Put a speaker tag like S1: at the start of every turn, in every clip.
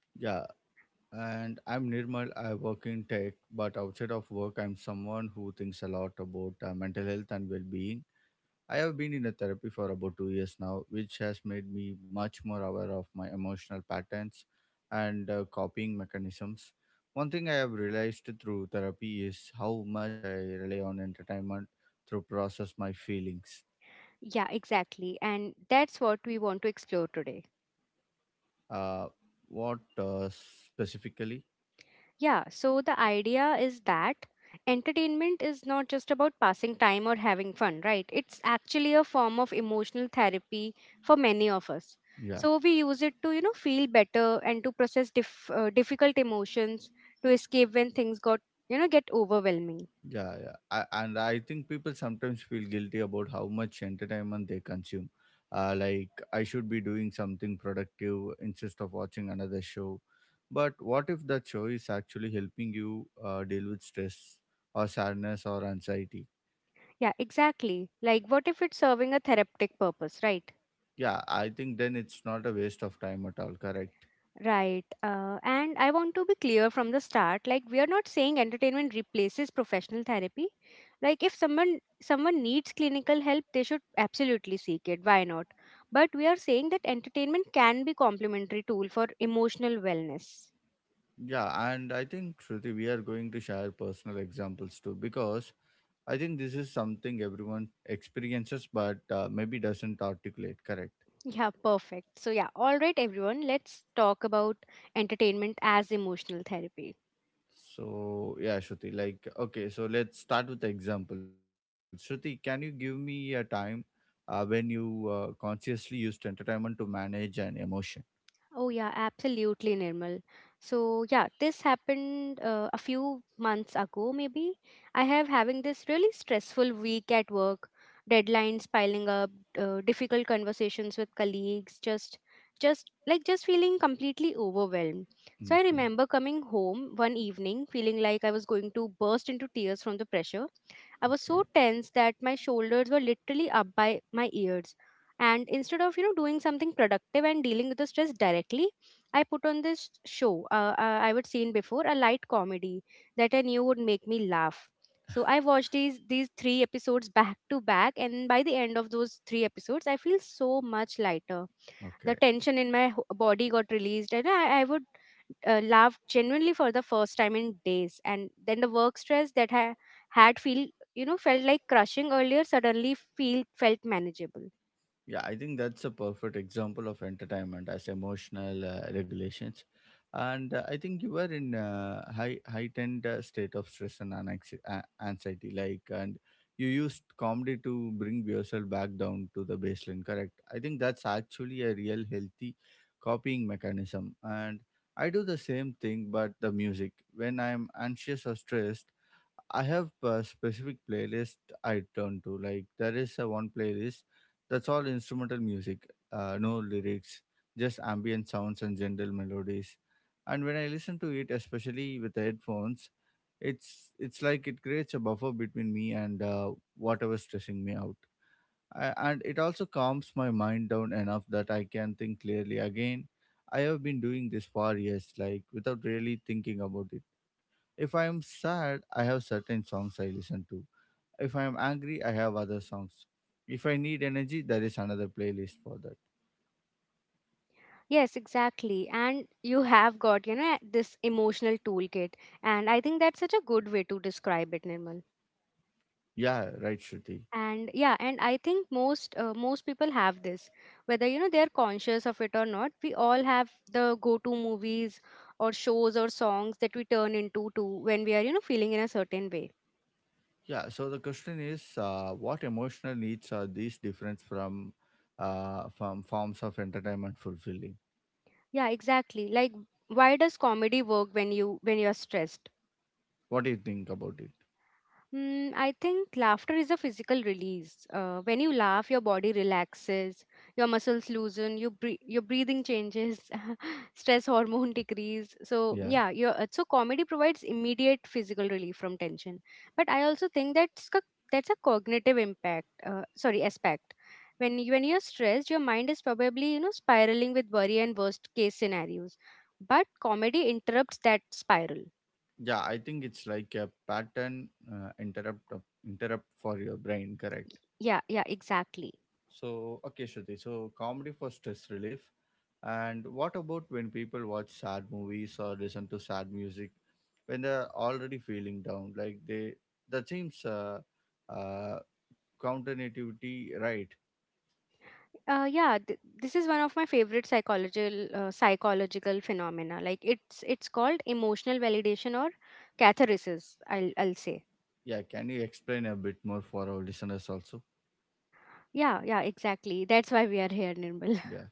S1: Yeah, and I'm Nirmal. I work in tech, but outside of work, I'm someone who thinks a lot about mental health and well being. I have been in a therapy for about 2 years now, which has made me much more aware of my emotional patterns and coping mechanisms. One thing I have realized through therapy is how much I rely on entertainment to process my feelings. Uh, what specifically? Yeah. Yeah, yeah. And I think people sometimes feel guilty about how much entertainment they consume. Like, I should be doing something productive instead of watching another show. But what if that show is actually helping you deal with stress or sadness or anxiety? Yeah, I think then it's not a waste of time at all, correct? Yeah, and I think, Shruti, we are going to share personal examples too because I think this is something everyone experiences but maybe doesn't articulate, correct? So yeah, Shruti, like okay, so let's start with the example. Shruti, can you give me a time when you consciously used entertainment to manage an emotion? Okay, okay, okay. Yeah, I think that's a perfect example of entertainment as emotional regulations. And I think you were in high heightened state of stress and anxiety, like, and you used comedy to bring yourself back down to the baseline. Correct. I think that's actually a real healthy copying mechanism. And I do the same thing, but the music. When I'm anxious or stressed, I have a specific playlist I turn to. Like there is a one playlist that's all instrumental music, no lyrics, just ambient sounds and gentle melodies. And when I listen to it, especially with the headphones, it's like it creates a buffer between me and whatever's stressing me out. And it also calms my mind down enough that I can think clearly again. I have been doing this for years, like without really thinking about it. If I am sad, I have certain songs I listen to if I am angry, I have other songs. If I need energy, there is another playlist for that. Yeah, right, Shruti. Yeah, so the question is what emotional needs are these different from forms of entertainment fulfilling? What do you think about it? Yeah. Yeah, I think it's like a pattern interrupt for your brain, correct? So, okay, Shruti. So, comedy for stress relief. And what about when people watch sad movies or listen to sad music when they're already feeling down? That seems uh, counterintuitive, right? Yeah, can you explain a bit more for our listeners also? Yeah,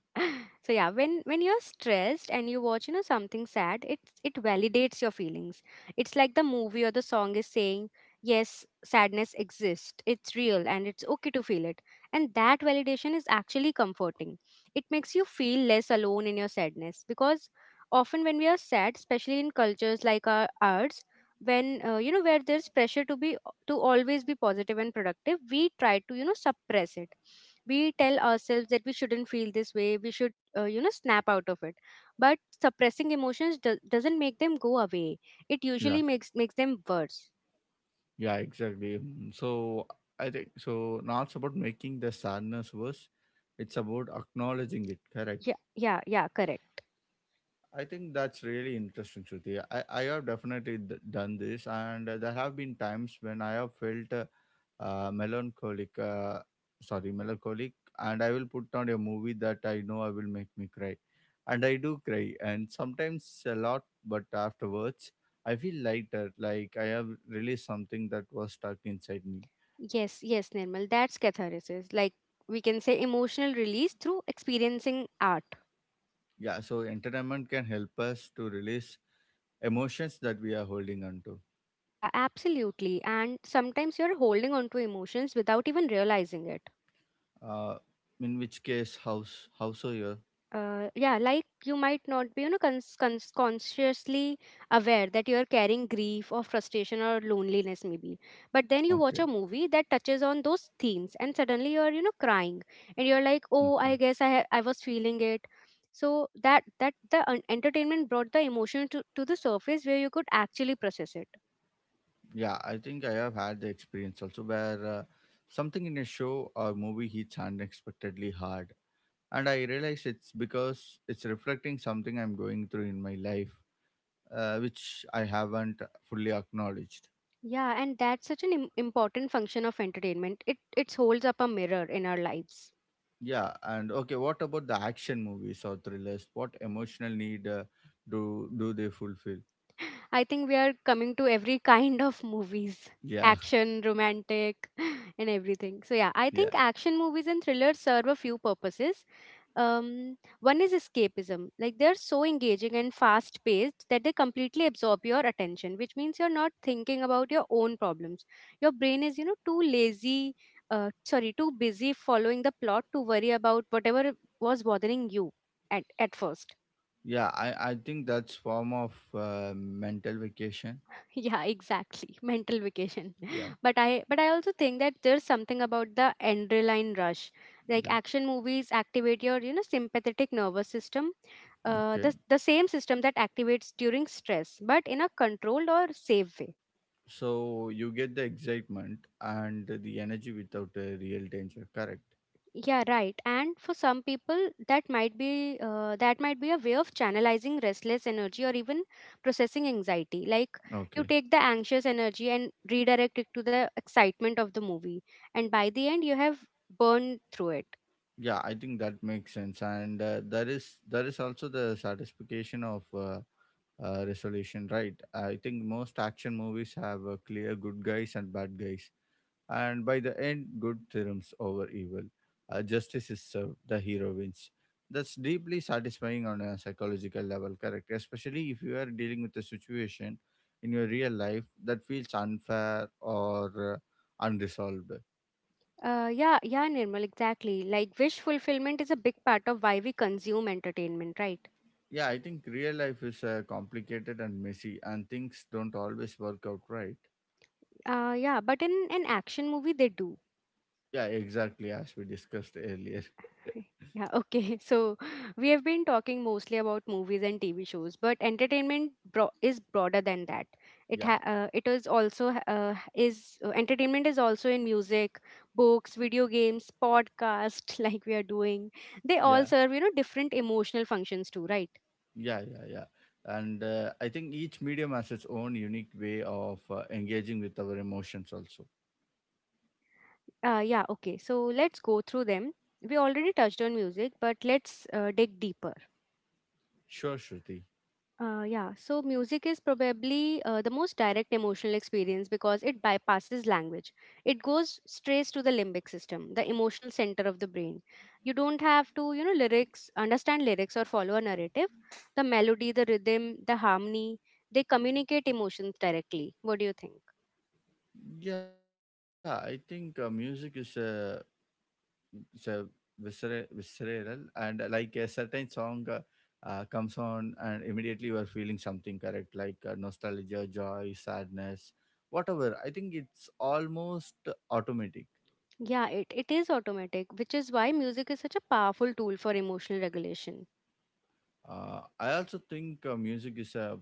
S1: yeah, yeah, exactly. Mm, so I think so. Not about making the sadness worse; it's about acknowledging it. Correct. I think that's really interesting, Shruti. I have definitely done this, and there have been times when I have felt melancholic, sorry, melancholic, and I will put on a movie that I know I will make me cry, and I do cry, and sometimes a lot, but afterwards I feel lighter, like I have released something that was stuck inside me. Yeah, so entertainment can help us to release emotions that we are holding on to. Uh, in which case, how so. Okay, okay. Yeah, I think I have had the experience also where something in a show or movie hits unexpectedly hard. And I realize it's because it's reflecting something I'm going through in my life, which I haven't fully acknowledged. Yeah, and okay, what about the action movies or thrillers? What emotional need do do they fulfill? Yeah, yeah, yeah. I think that's form of mental vacation. Yeah, yeah. Okay. So you get the excitement and the energy without a real danger. Correct. Okay. Yeah, I think that makes sense. And there is also the satisfaction of resolution, right? I think most action movies have clear good guys and bad guys, and by the end, good triumphs over evil. Justice is served, the hero wins. That's deeply satisfying on a psychological level, correct? Especially if you are dealing with a situation in your real life that feels unfair or unresolved. Yeah, I think real life is complicated and messy, and things don't always work out right. Yeah, exactly, as we discussed earlier. Yeah, yeah. Yeah, yeah, yeah. And I think each medium has its own unique way of engaging with our emotions, also. Sure, Shruti. Yeah, I think music is a visceral, and like a certain song comes on, and immediately you are feeling something correct, like nostalgia, joy, sadness, whatever. I think it's almost automatic. I also think music is a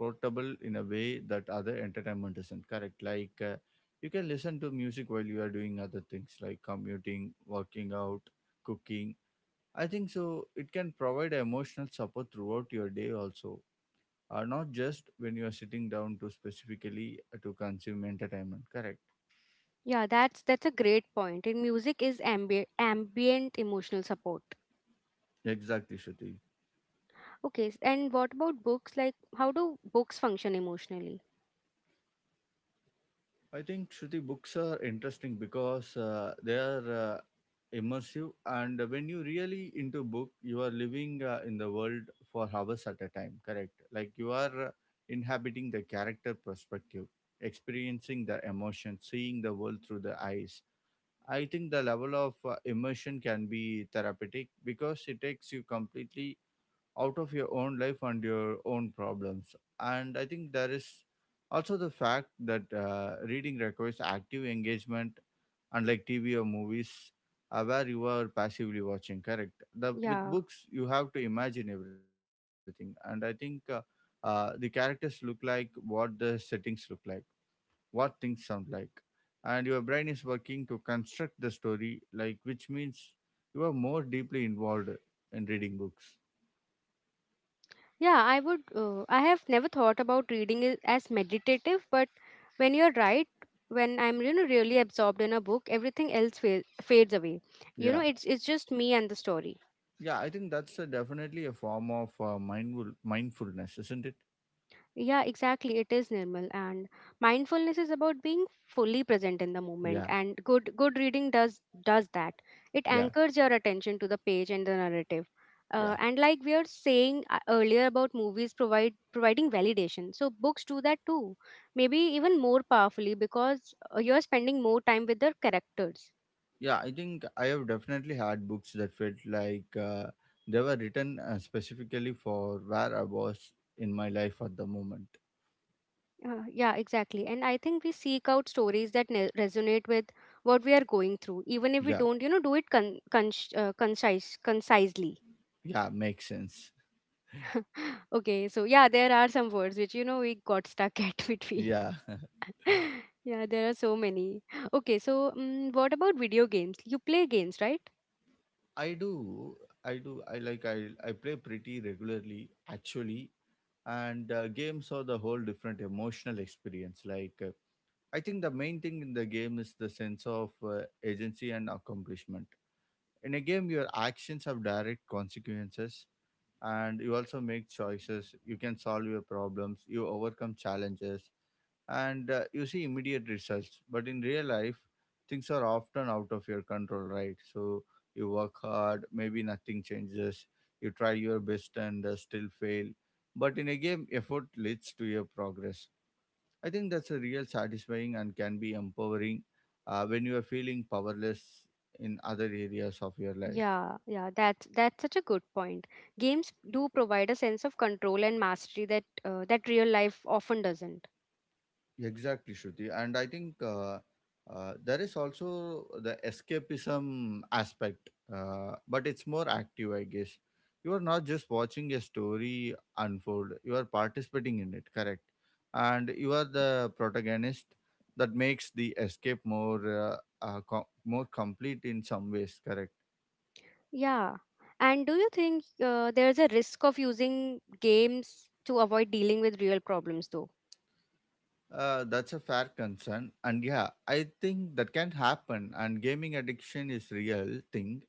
S1: portable in a way that other entertainment isn't correct like you can listen to music while you are doing other things like commuting working out cooking I think so it can provide emotional support throughout your day also not just when you are sitting down to specifically to consume entertainment correct exactly shruti. I think Shruti books are interesting because they are immersive, and when you really into book, you are living in the world for hours at a time. Correct? Like you are inhabiting the character perspective, experiencing the emotion, seeing the world through the eyes. I think the level of immersion can be therapeutic because it takes you completely out of your own life and your own problems. And I think there is also the fact that reading requires active engagement, unlike TV or movies, where you are passively watching. Correct. The with books you have to imagine everything, and I think the characters look like, what the settings look like, what things sound like, and your brain is working to construct the story. Like which means you are more deeply involved in reading books. Yeah. Yeah, I think that's a, definitely a form of mindfulness, isn't it? Yeah, yeah, yeah, yeah. I think I have definitely had books that felt like they were written specifically for where I was in my life at the moment. Yeah, yeah, makes sense. Yeah, I do, I do. I like I play pretty regularly actually, and games are the whole different emotional experience. Like. I think the main thing in the game is the sense of agency and accomplishment. In a game, your actions have direct consequences, and you also make choices. You can solve your problems, you overcome challenges, and you see immediate results. But in real life, things are often out of your control, right? So you work hard, maybe nothing changes. You try your best and still fail. But in a game, effort leads to your progress. I think that's a real satisfying and can be empowering when you are feeling powerless in other areas of your life. Exactly, Shruti. And I think there is also the escapism aspect, but it's more active, I guess. You are not just watching a story unfold, you are participating in it, correct? And you are the protagonist that makes the escape more more complete in some ways, correct? That's a fair concern, and yeah, I think that can happen. And gaming addiction is real thing,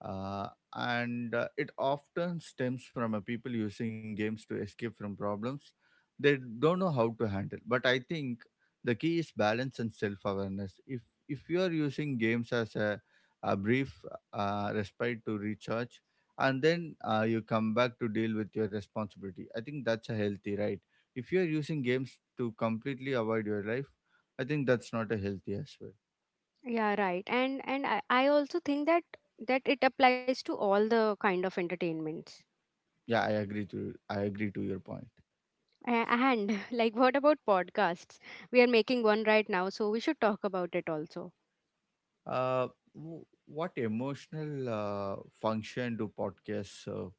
S1: uh, and it often stems from people using games to escape from problems they don't know how to handle but I think the key is balance and self-awareness if you are using games as a brief respite to recharge and then you come back to deal with your responsibility I think that's a healthy right if you are using games to completely avoid your life I think that's not a healthy as well yeah I agree to your point. Uh, what emotional function do podcasts? Uh,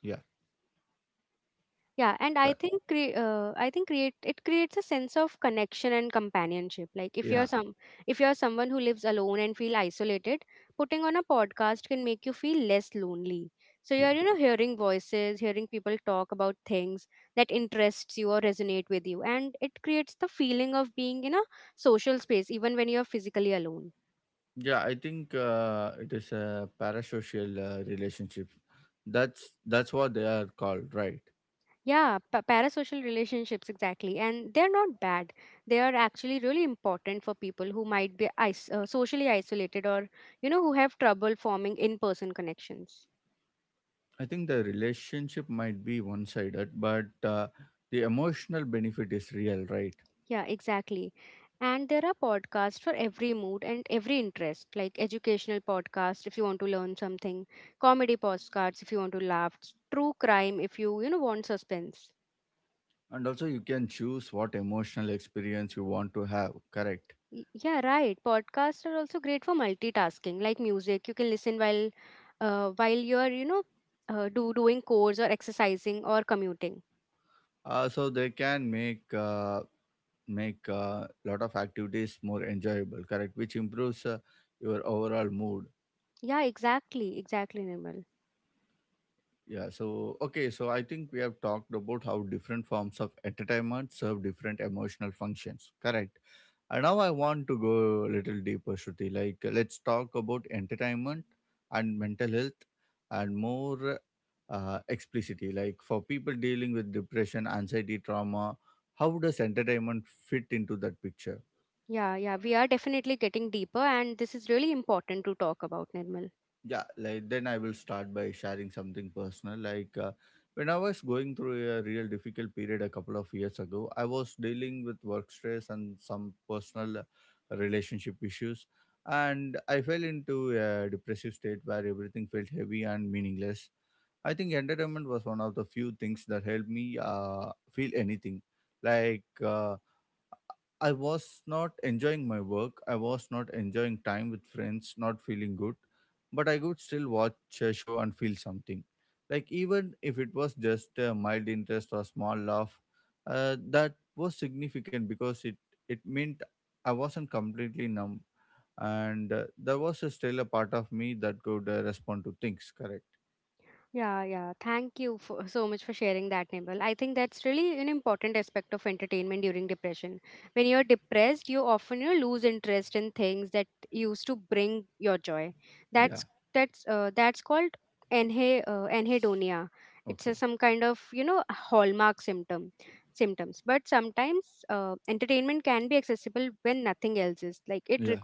S1: yeah, uh, yeah, yeah, yeah. I think it is a parasocial relationship. That's what they are called, right? I think the relationship might be one-sided, but the emotional benefit is real, right? And also, you can choose what emotional experience you want to have. Correct. So they can make make a lot of activities more enjoyable, correct, which improves your overall mood. Yeah. so okay, so I think we have talked about how different forms of entertainment serve different emotional functions, correct, and now I want to go a little deeper, Shruti. Let's talk about entertainment and mental health and more explicitly, like for people dealing with depression, anxiety, trauma. How does entertainment fit into that picture? Yeah, like then I will start by sharing something personal. When I was going through a real difficult period a couple of years ago, I was dealing with work stress and some personal relationship issues, and I fell into a depressive state where everything felt heavy and meaningless. I think entertainment was one of the few things that helped me feel anything. like uh, I was not enjoying my work. I was not enjoying time with friends, not feeling good. But I could still watch a show and feel something. Like, even if it was just a mild interest or small laugh, that was significant because it meant I wasn't completely numb. And there was still a part of me that could respond to things, correct? Yeah. Okay. Yeah.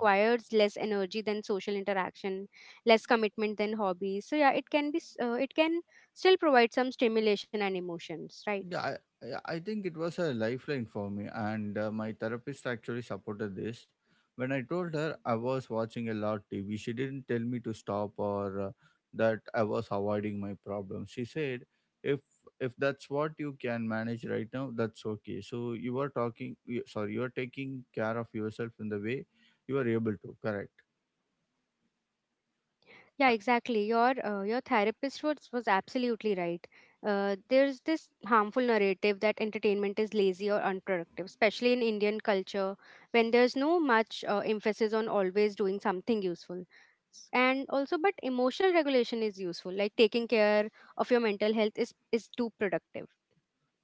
S1: Yeah, I think it was a lifeline for me, and my therapist actually supported this. When I told her I was watching a lot TV, she didn't tell me to stop or that I was avoiding my problem. She said, "If if that's what you can manage right now, that's okay. So you are talking, you, sorry, you are taking care of yourself in the way you are able to. Correct? Uh,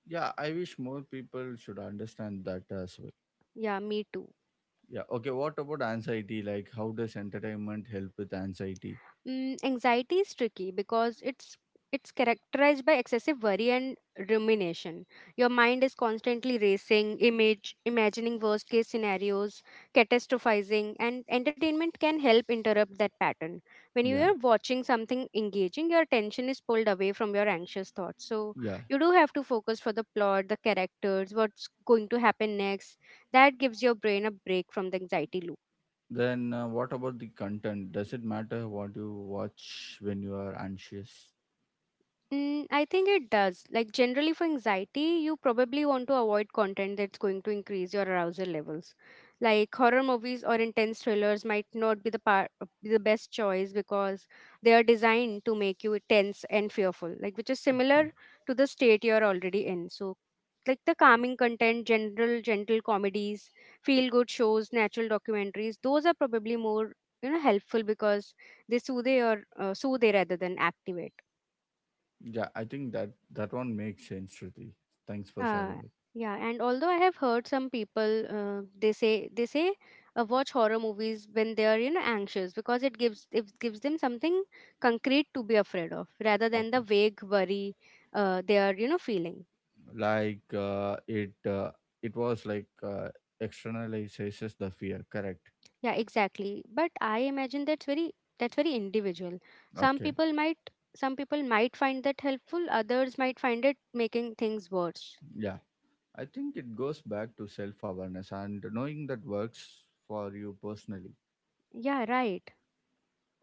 S1: yeah, I wish more people should understand that as well." Yeah. Okay. What about anxiety? Like, how does entertainment help with anxiety? Yeah. Yeah. Then, what about the content? Does it matter what you watch when you are anxious? Okay. Yeah. I think that one makes sense, Shruti. Thanks for sharing it. Okay. Like, it it was externalizes the fear. Correct. Okay. Yeah. I think it goes back to self awareness and knowing that works for you personally.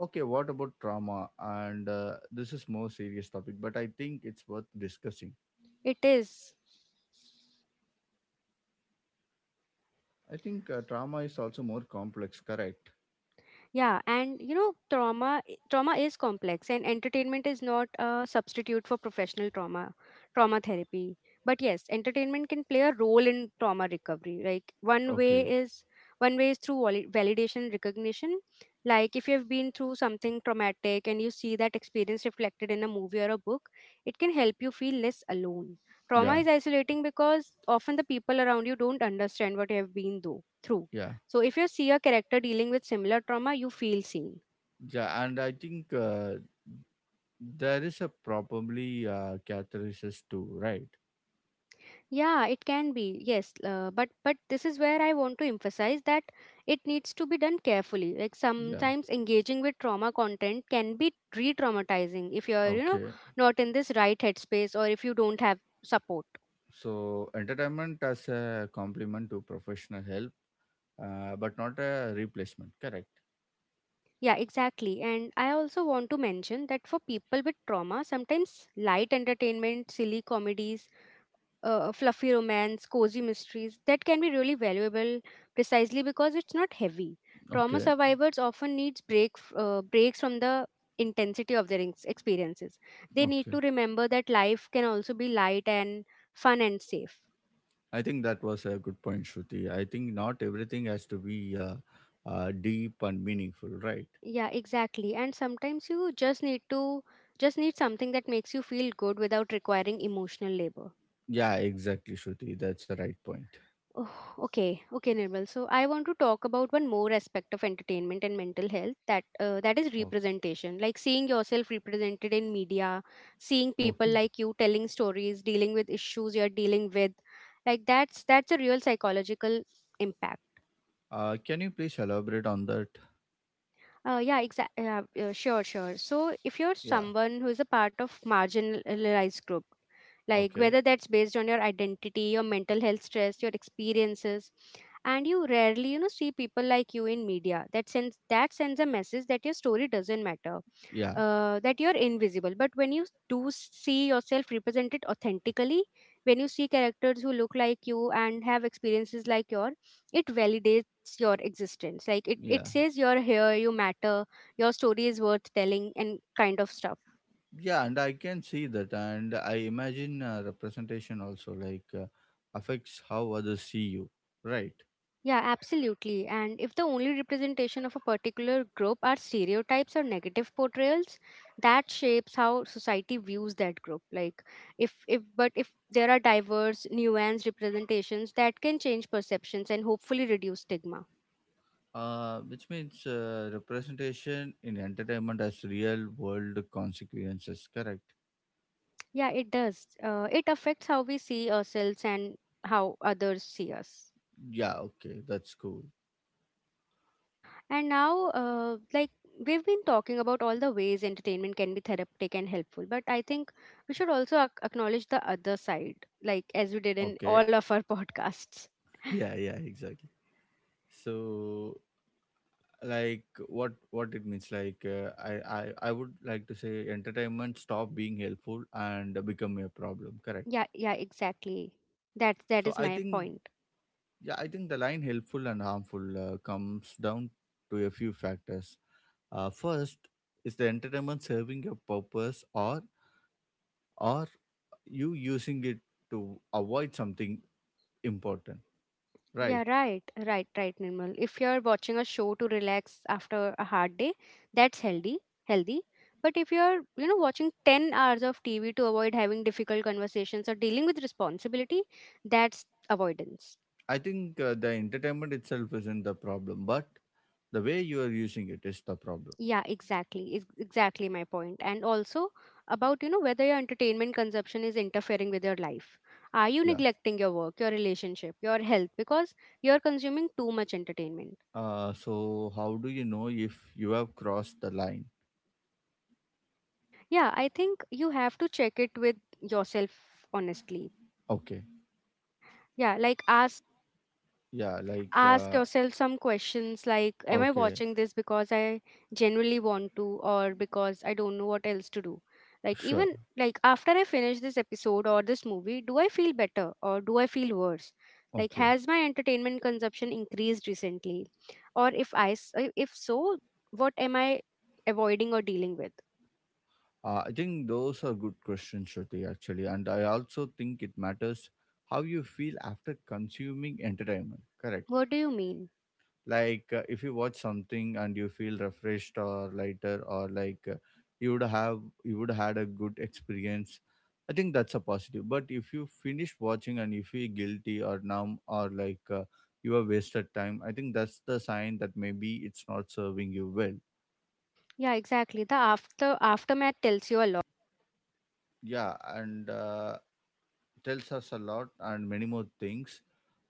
S1: Okay, what about trauma? And this is more serious topic, but I think it's worth discussing. I think trauma is also more complex, correct? Okay. Yeah. Yeah. Yeah, and I think there is a probably catharsis too, right? Yeah. Okay. So entertainment as a complement to professional help, but not a replacement, correct? Okay. Okay. I think that was a good point, Shruti. I think not everything has to be deep and meaningful, right? Yeah, exactly, Shruti. That's a right point. Oh, okay. Can you please elaborate on that? Yeah. Okay. Yeah. Yeah. Yeah. And I can see that. And I imagine representation also affects how others see you, right? Which means representation in entertainment has real world consequences, correct? Yeah, okay, that's cool. Okay. Yeah, yeah, exactly. So, like what it means, like I would like to say entertainment stop being helpful and become a problem, correct? So I think, yeah, I think the line helpful and harmful comes down to a few factors. First, is the entertainment serving a purpose, or you using it to avoid something important, right? I think the entertainment itself isn't the problem, but the way you are using it is the problem. Yeah. So how do you know if you have crossed the line? Okay. Yeah. Like. Okay. Sure. Okay. I think those are good questions, Shruti. Actually, and I also think it matters how you feel after consuming entertainment. Correct. If you watch something and you feel refreshed or lighter or you would had a good experience, I think that's a positive. But if you finish watching and you feel guilty or numb or you have wasted time, I think that's the sign that maybe it's not serving you well. Yeah. And tells us a lot and many more things,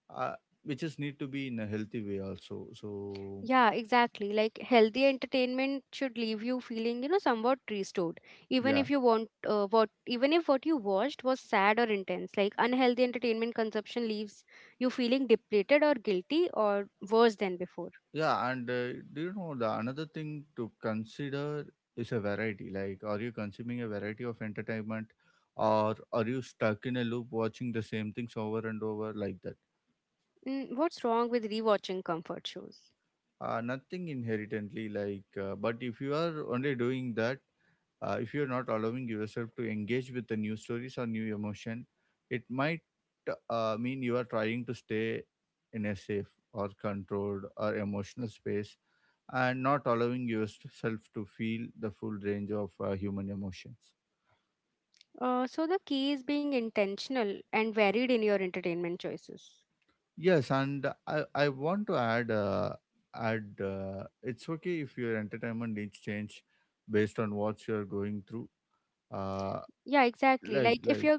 S1: uh, which is need to be in a healthy way also. So yeah. Yeah, and do you know the another thing to consider is a variety. Like, are you consuming a variety of entertainment, or are you stuck in a loop watching the same things over and over like that? Nothing inherently like, but if you are only doing that, if you're not allowing yourself to engage with the new stories or new emotion, it might mean you are trying to stay in a safe or controlled or emotional space and not allowing yourself to feel the full range of human emotions. Yes, and I want to add it's okay if your entertainment needs change based on what you're going through. Uh, like,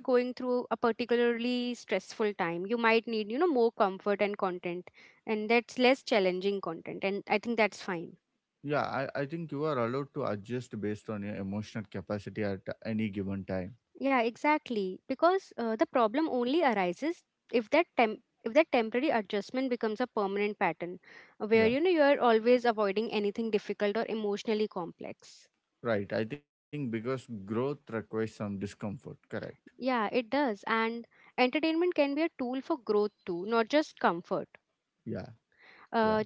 S1: yeah, I think you are allowed to adjust based on your emotional capacity at any given time. Yeah, right. I think because growth requires some discomfort. Correct. Yeah, yeah,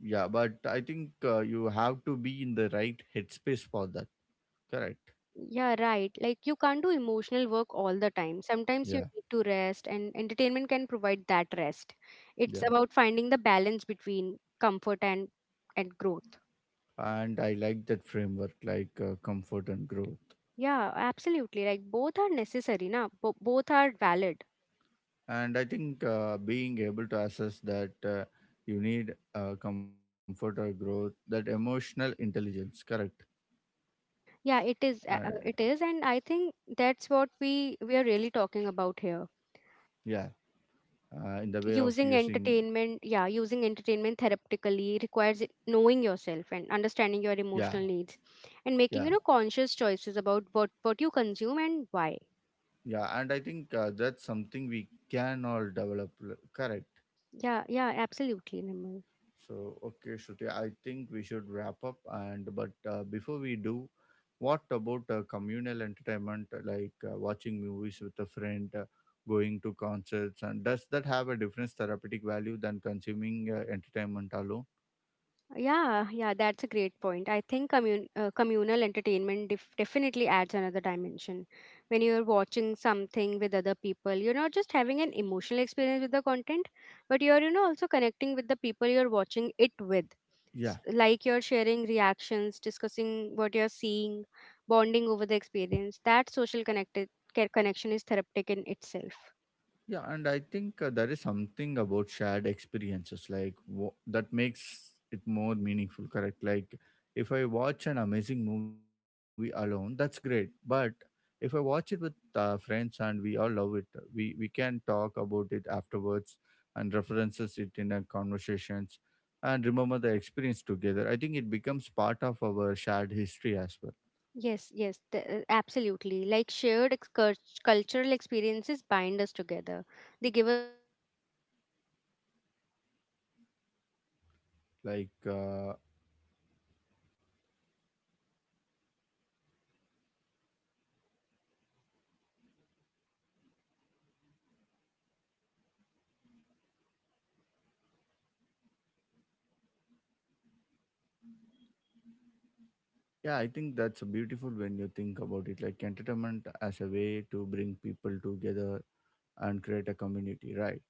S1: yeah, but I think you have to be in the right headspace for that. Correct. Yeah. Yeah. And I like that framework, comfort and growth. And I think being able to assess that you need comfort or growth, that emotional intelligence, correct? Uh, yeah. In the way of using, yeah. Yeah. Yeah. And I think that's something we can all develop, correct? So, okay, Shruti, I think we should wrap up. And but before we do, what about communal entertainment, like watching movies with a friend, going to concerts, and does that have a different therapeutic value than consuming entertainment alone? Yeah. Yeah, and I think there is something about shared experiences like that makes it more meaningful, correct? Like, if I watch an amazing movie alone, that's great, but if I watch it with friends and we all love it, we can talk about it afterwards and references it in our conversations and remember the experience together. I think it becomes part of our shared history as well. Like. Uh, Yeah, I think that's beautiful when you think about it, like entertainment as a way to bring people together and create a community, right?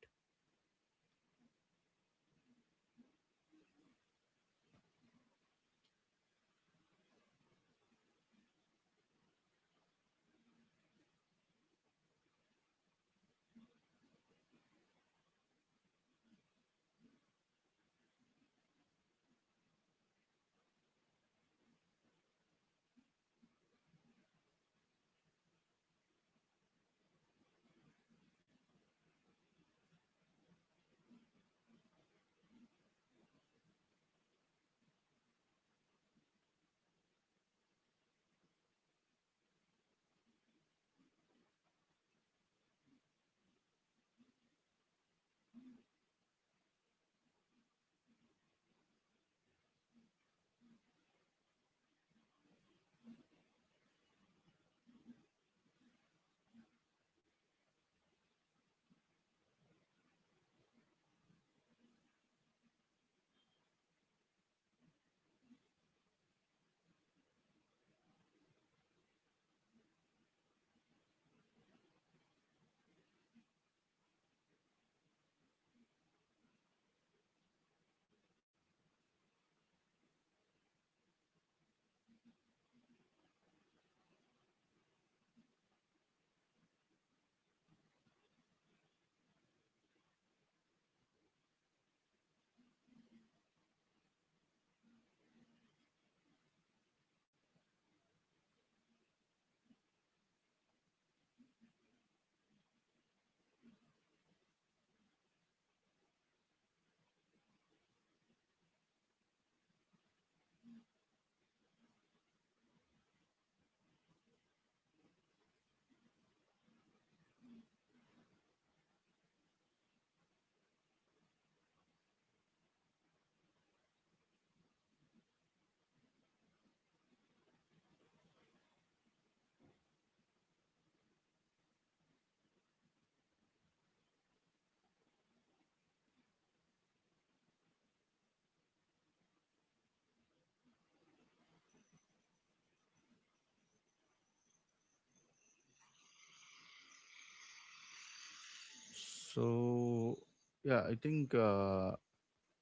S1: So, yeah, I think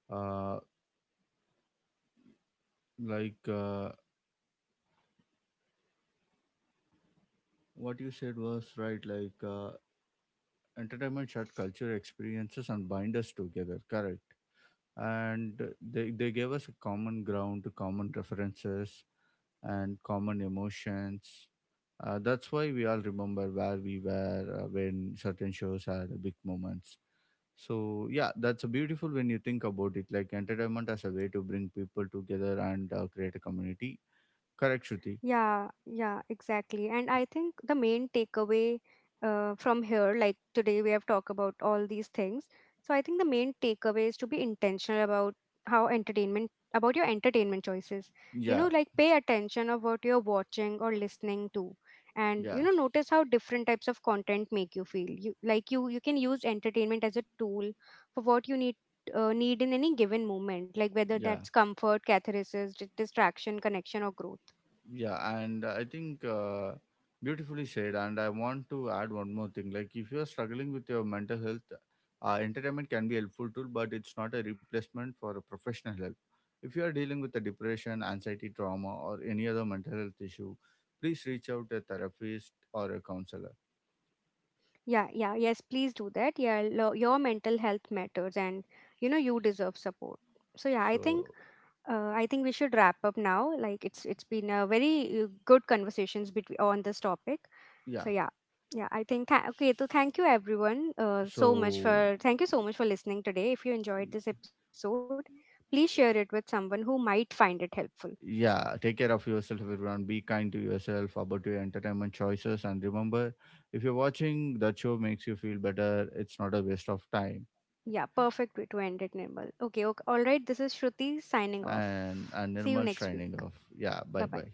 S1: uh, like uh, what you said was right, entertainment shared culture experiences and bind us together, correct? And they gave us a common ground, common references, and common emotions. That's why we all remember where we were when certain shows had big moments. So yeah, that's a beautiful when you think about it, like entertainment as a way to bring people together and create a community. Correct, Shruti?
S2: Yeah, yeah, exactly. And I think the main takeaway from here, like today we have talked about all these things. So I think the main takeaway is to be intentional about how entertainment, about your entertainment choices. You know,
S1: Yeah,
S2: like pay attention of what you're watching or listening to. And
S1: yeah,
S2: you know, notice how different types of content make you feel. You like you can use entertainment as a tool for what you need in any given moment, like whether
S1: yeah.
S2: that's comfort, catharsis, distraction, connection, or growth.
S1: Yeah, and I think beautifully said. And I want to add one more thing: like if you are struggling with your mental health, entertainment can be a helpful tool, but it's not a replacement for a professional help. If you are dealing with a depression, anxiety, trauma, or any other mental health issue, please reach out to a therapist or a counselor.
S2: Yeah, yeah, yes, please do that. Yeah, your mental health matters and you know you deserve support. So yeah,
S1: So
S2: I think we should wrap up now. Like it's been a very good conversations between on this topic. So
S1: yeah.
S2: yeah. Yeah, I think okay, so thank you everyone so much
S1: So
S2: for thank you so much for listening today. If you enjoyed this episode, please share it with someone who might find it helpful.
S1: yeah, take care of yourself, everyone. Be kind to yourself about your entertainment choices, and remember, if you're watching that show makes you feel better, it's not a waste of time.
S2: Yeah, perfect way to end it, Nirmal. Okay, okay. All right, this is Shruti signing
S1: and
S2: off.
S1: and
S2: See you
S1: Nirmal
S2: next week.
S1: shining off. Yeah, bye
S2: Bye-bye.
S1: bye.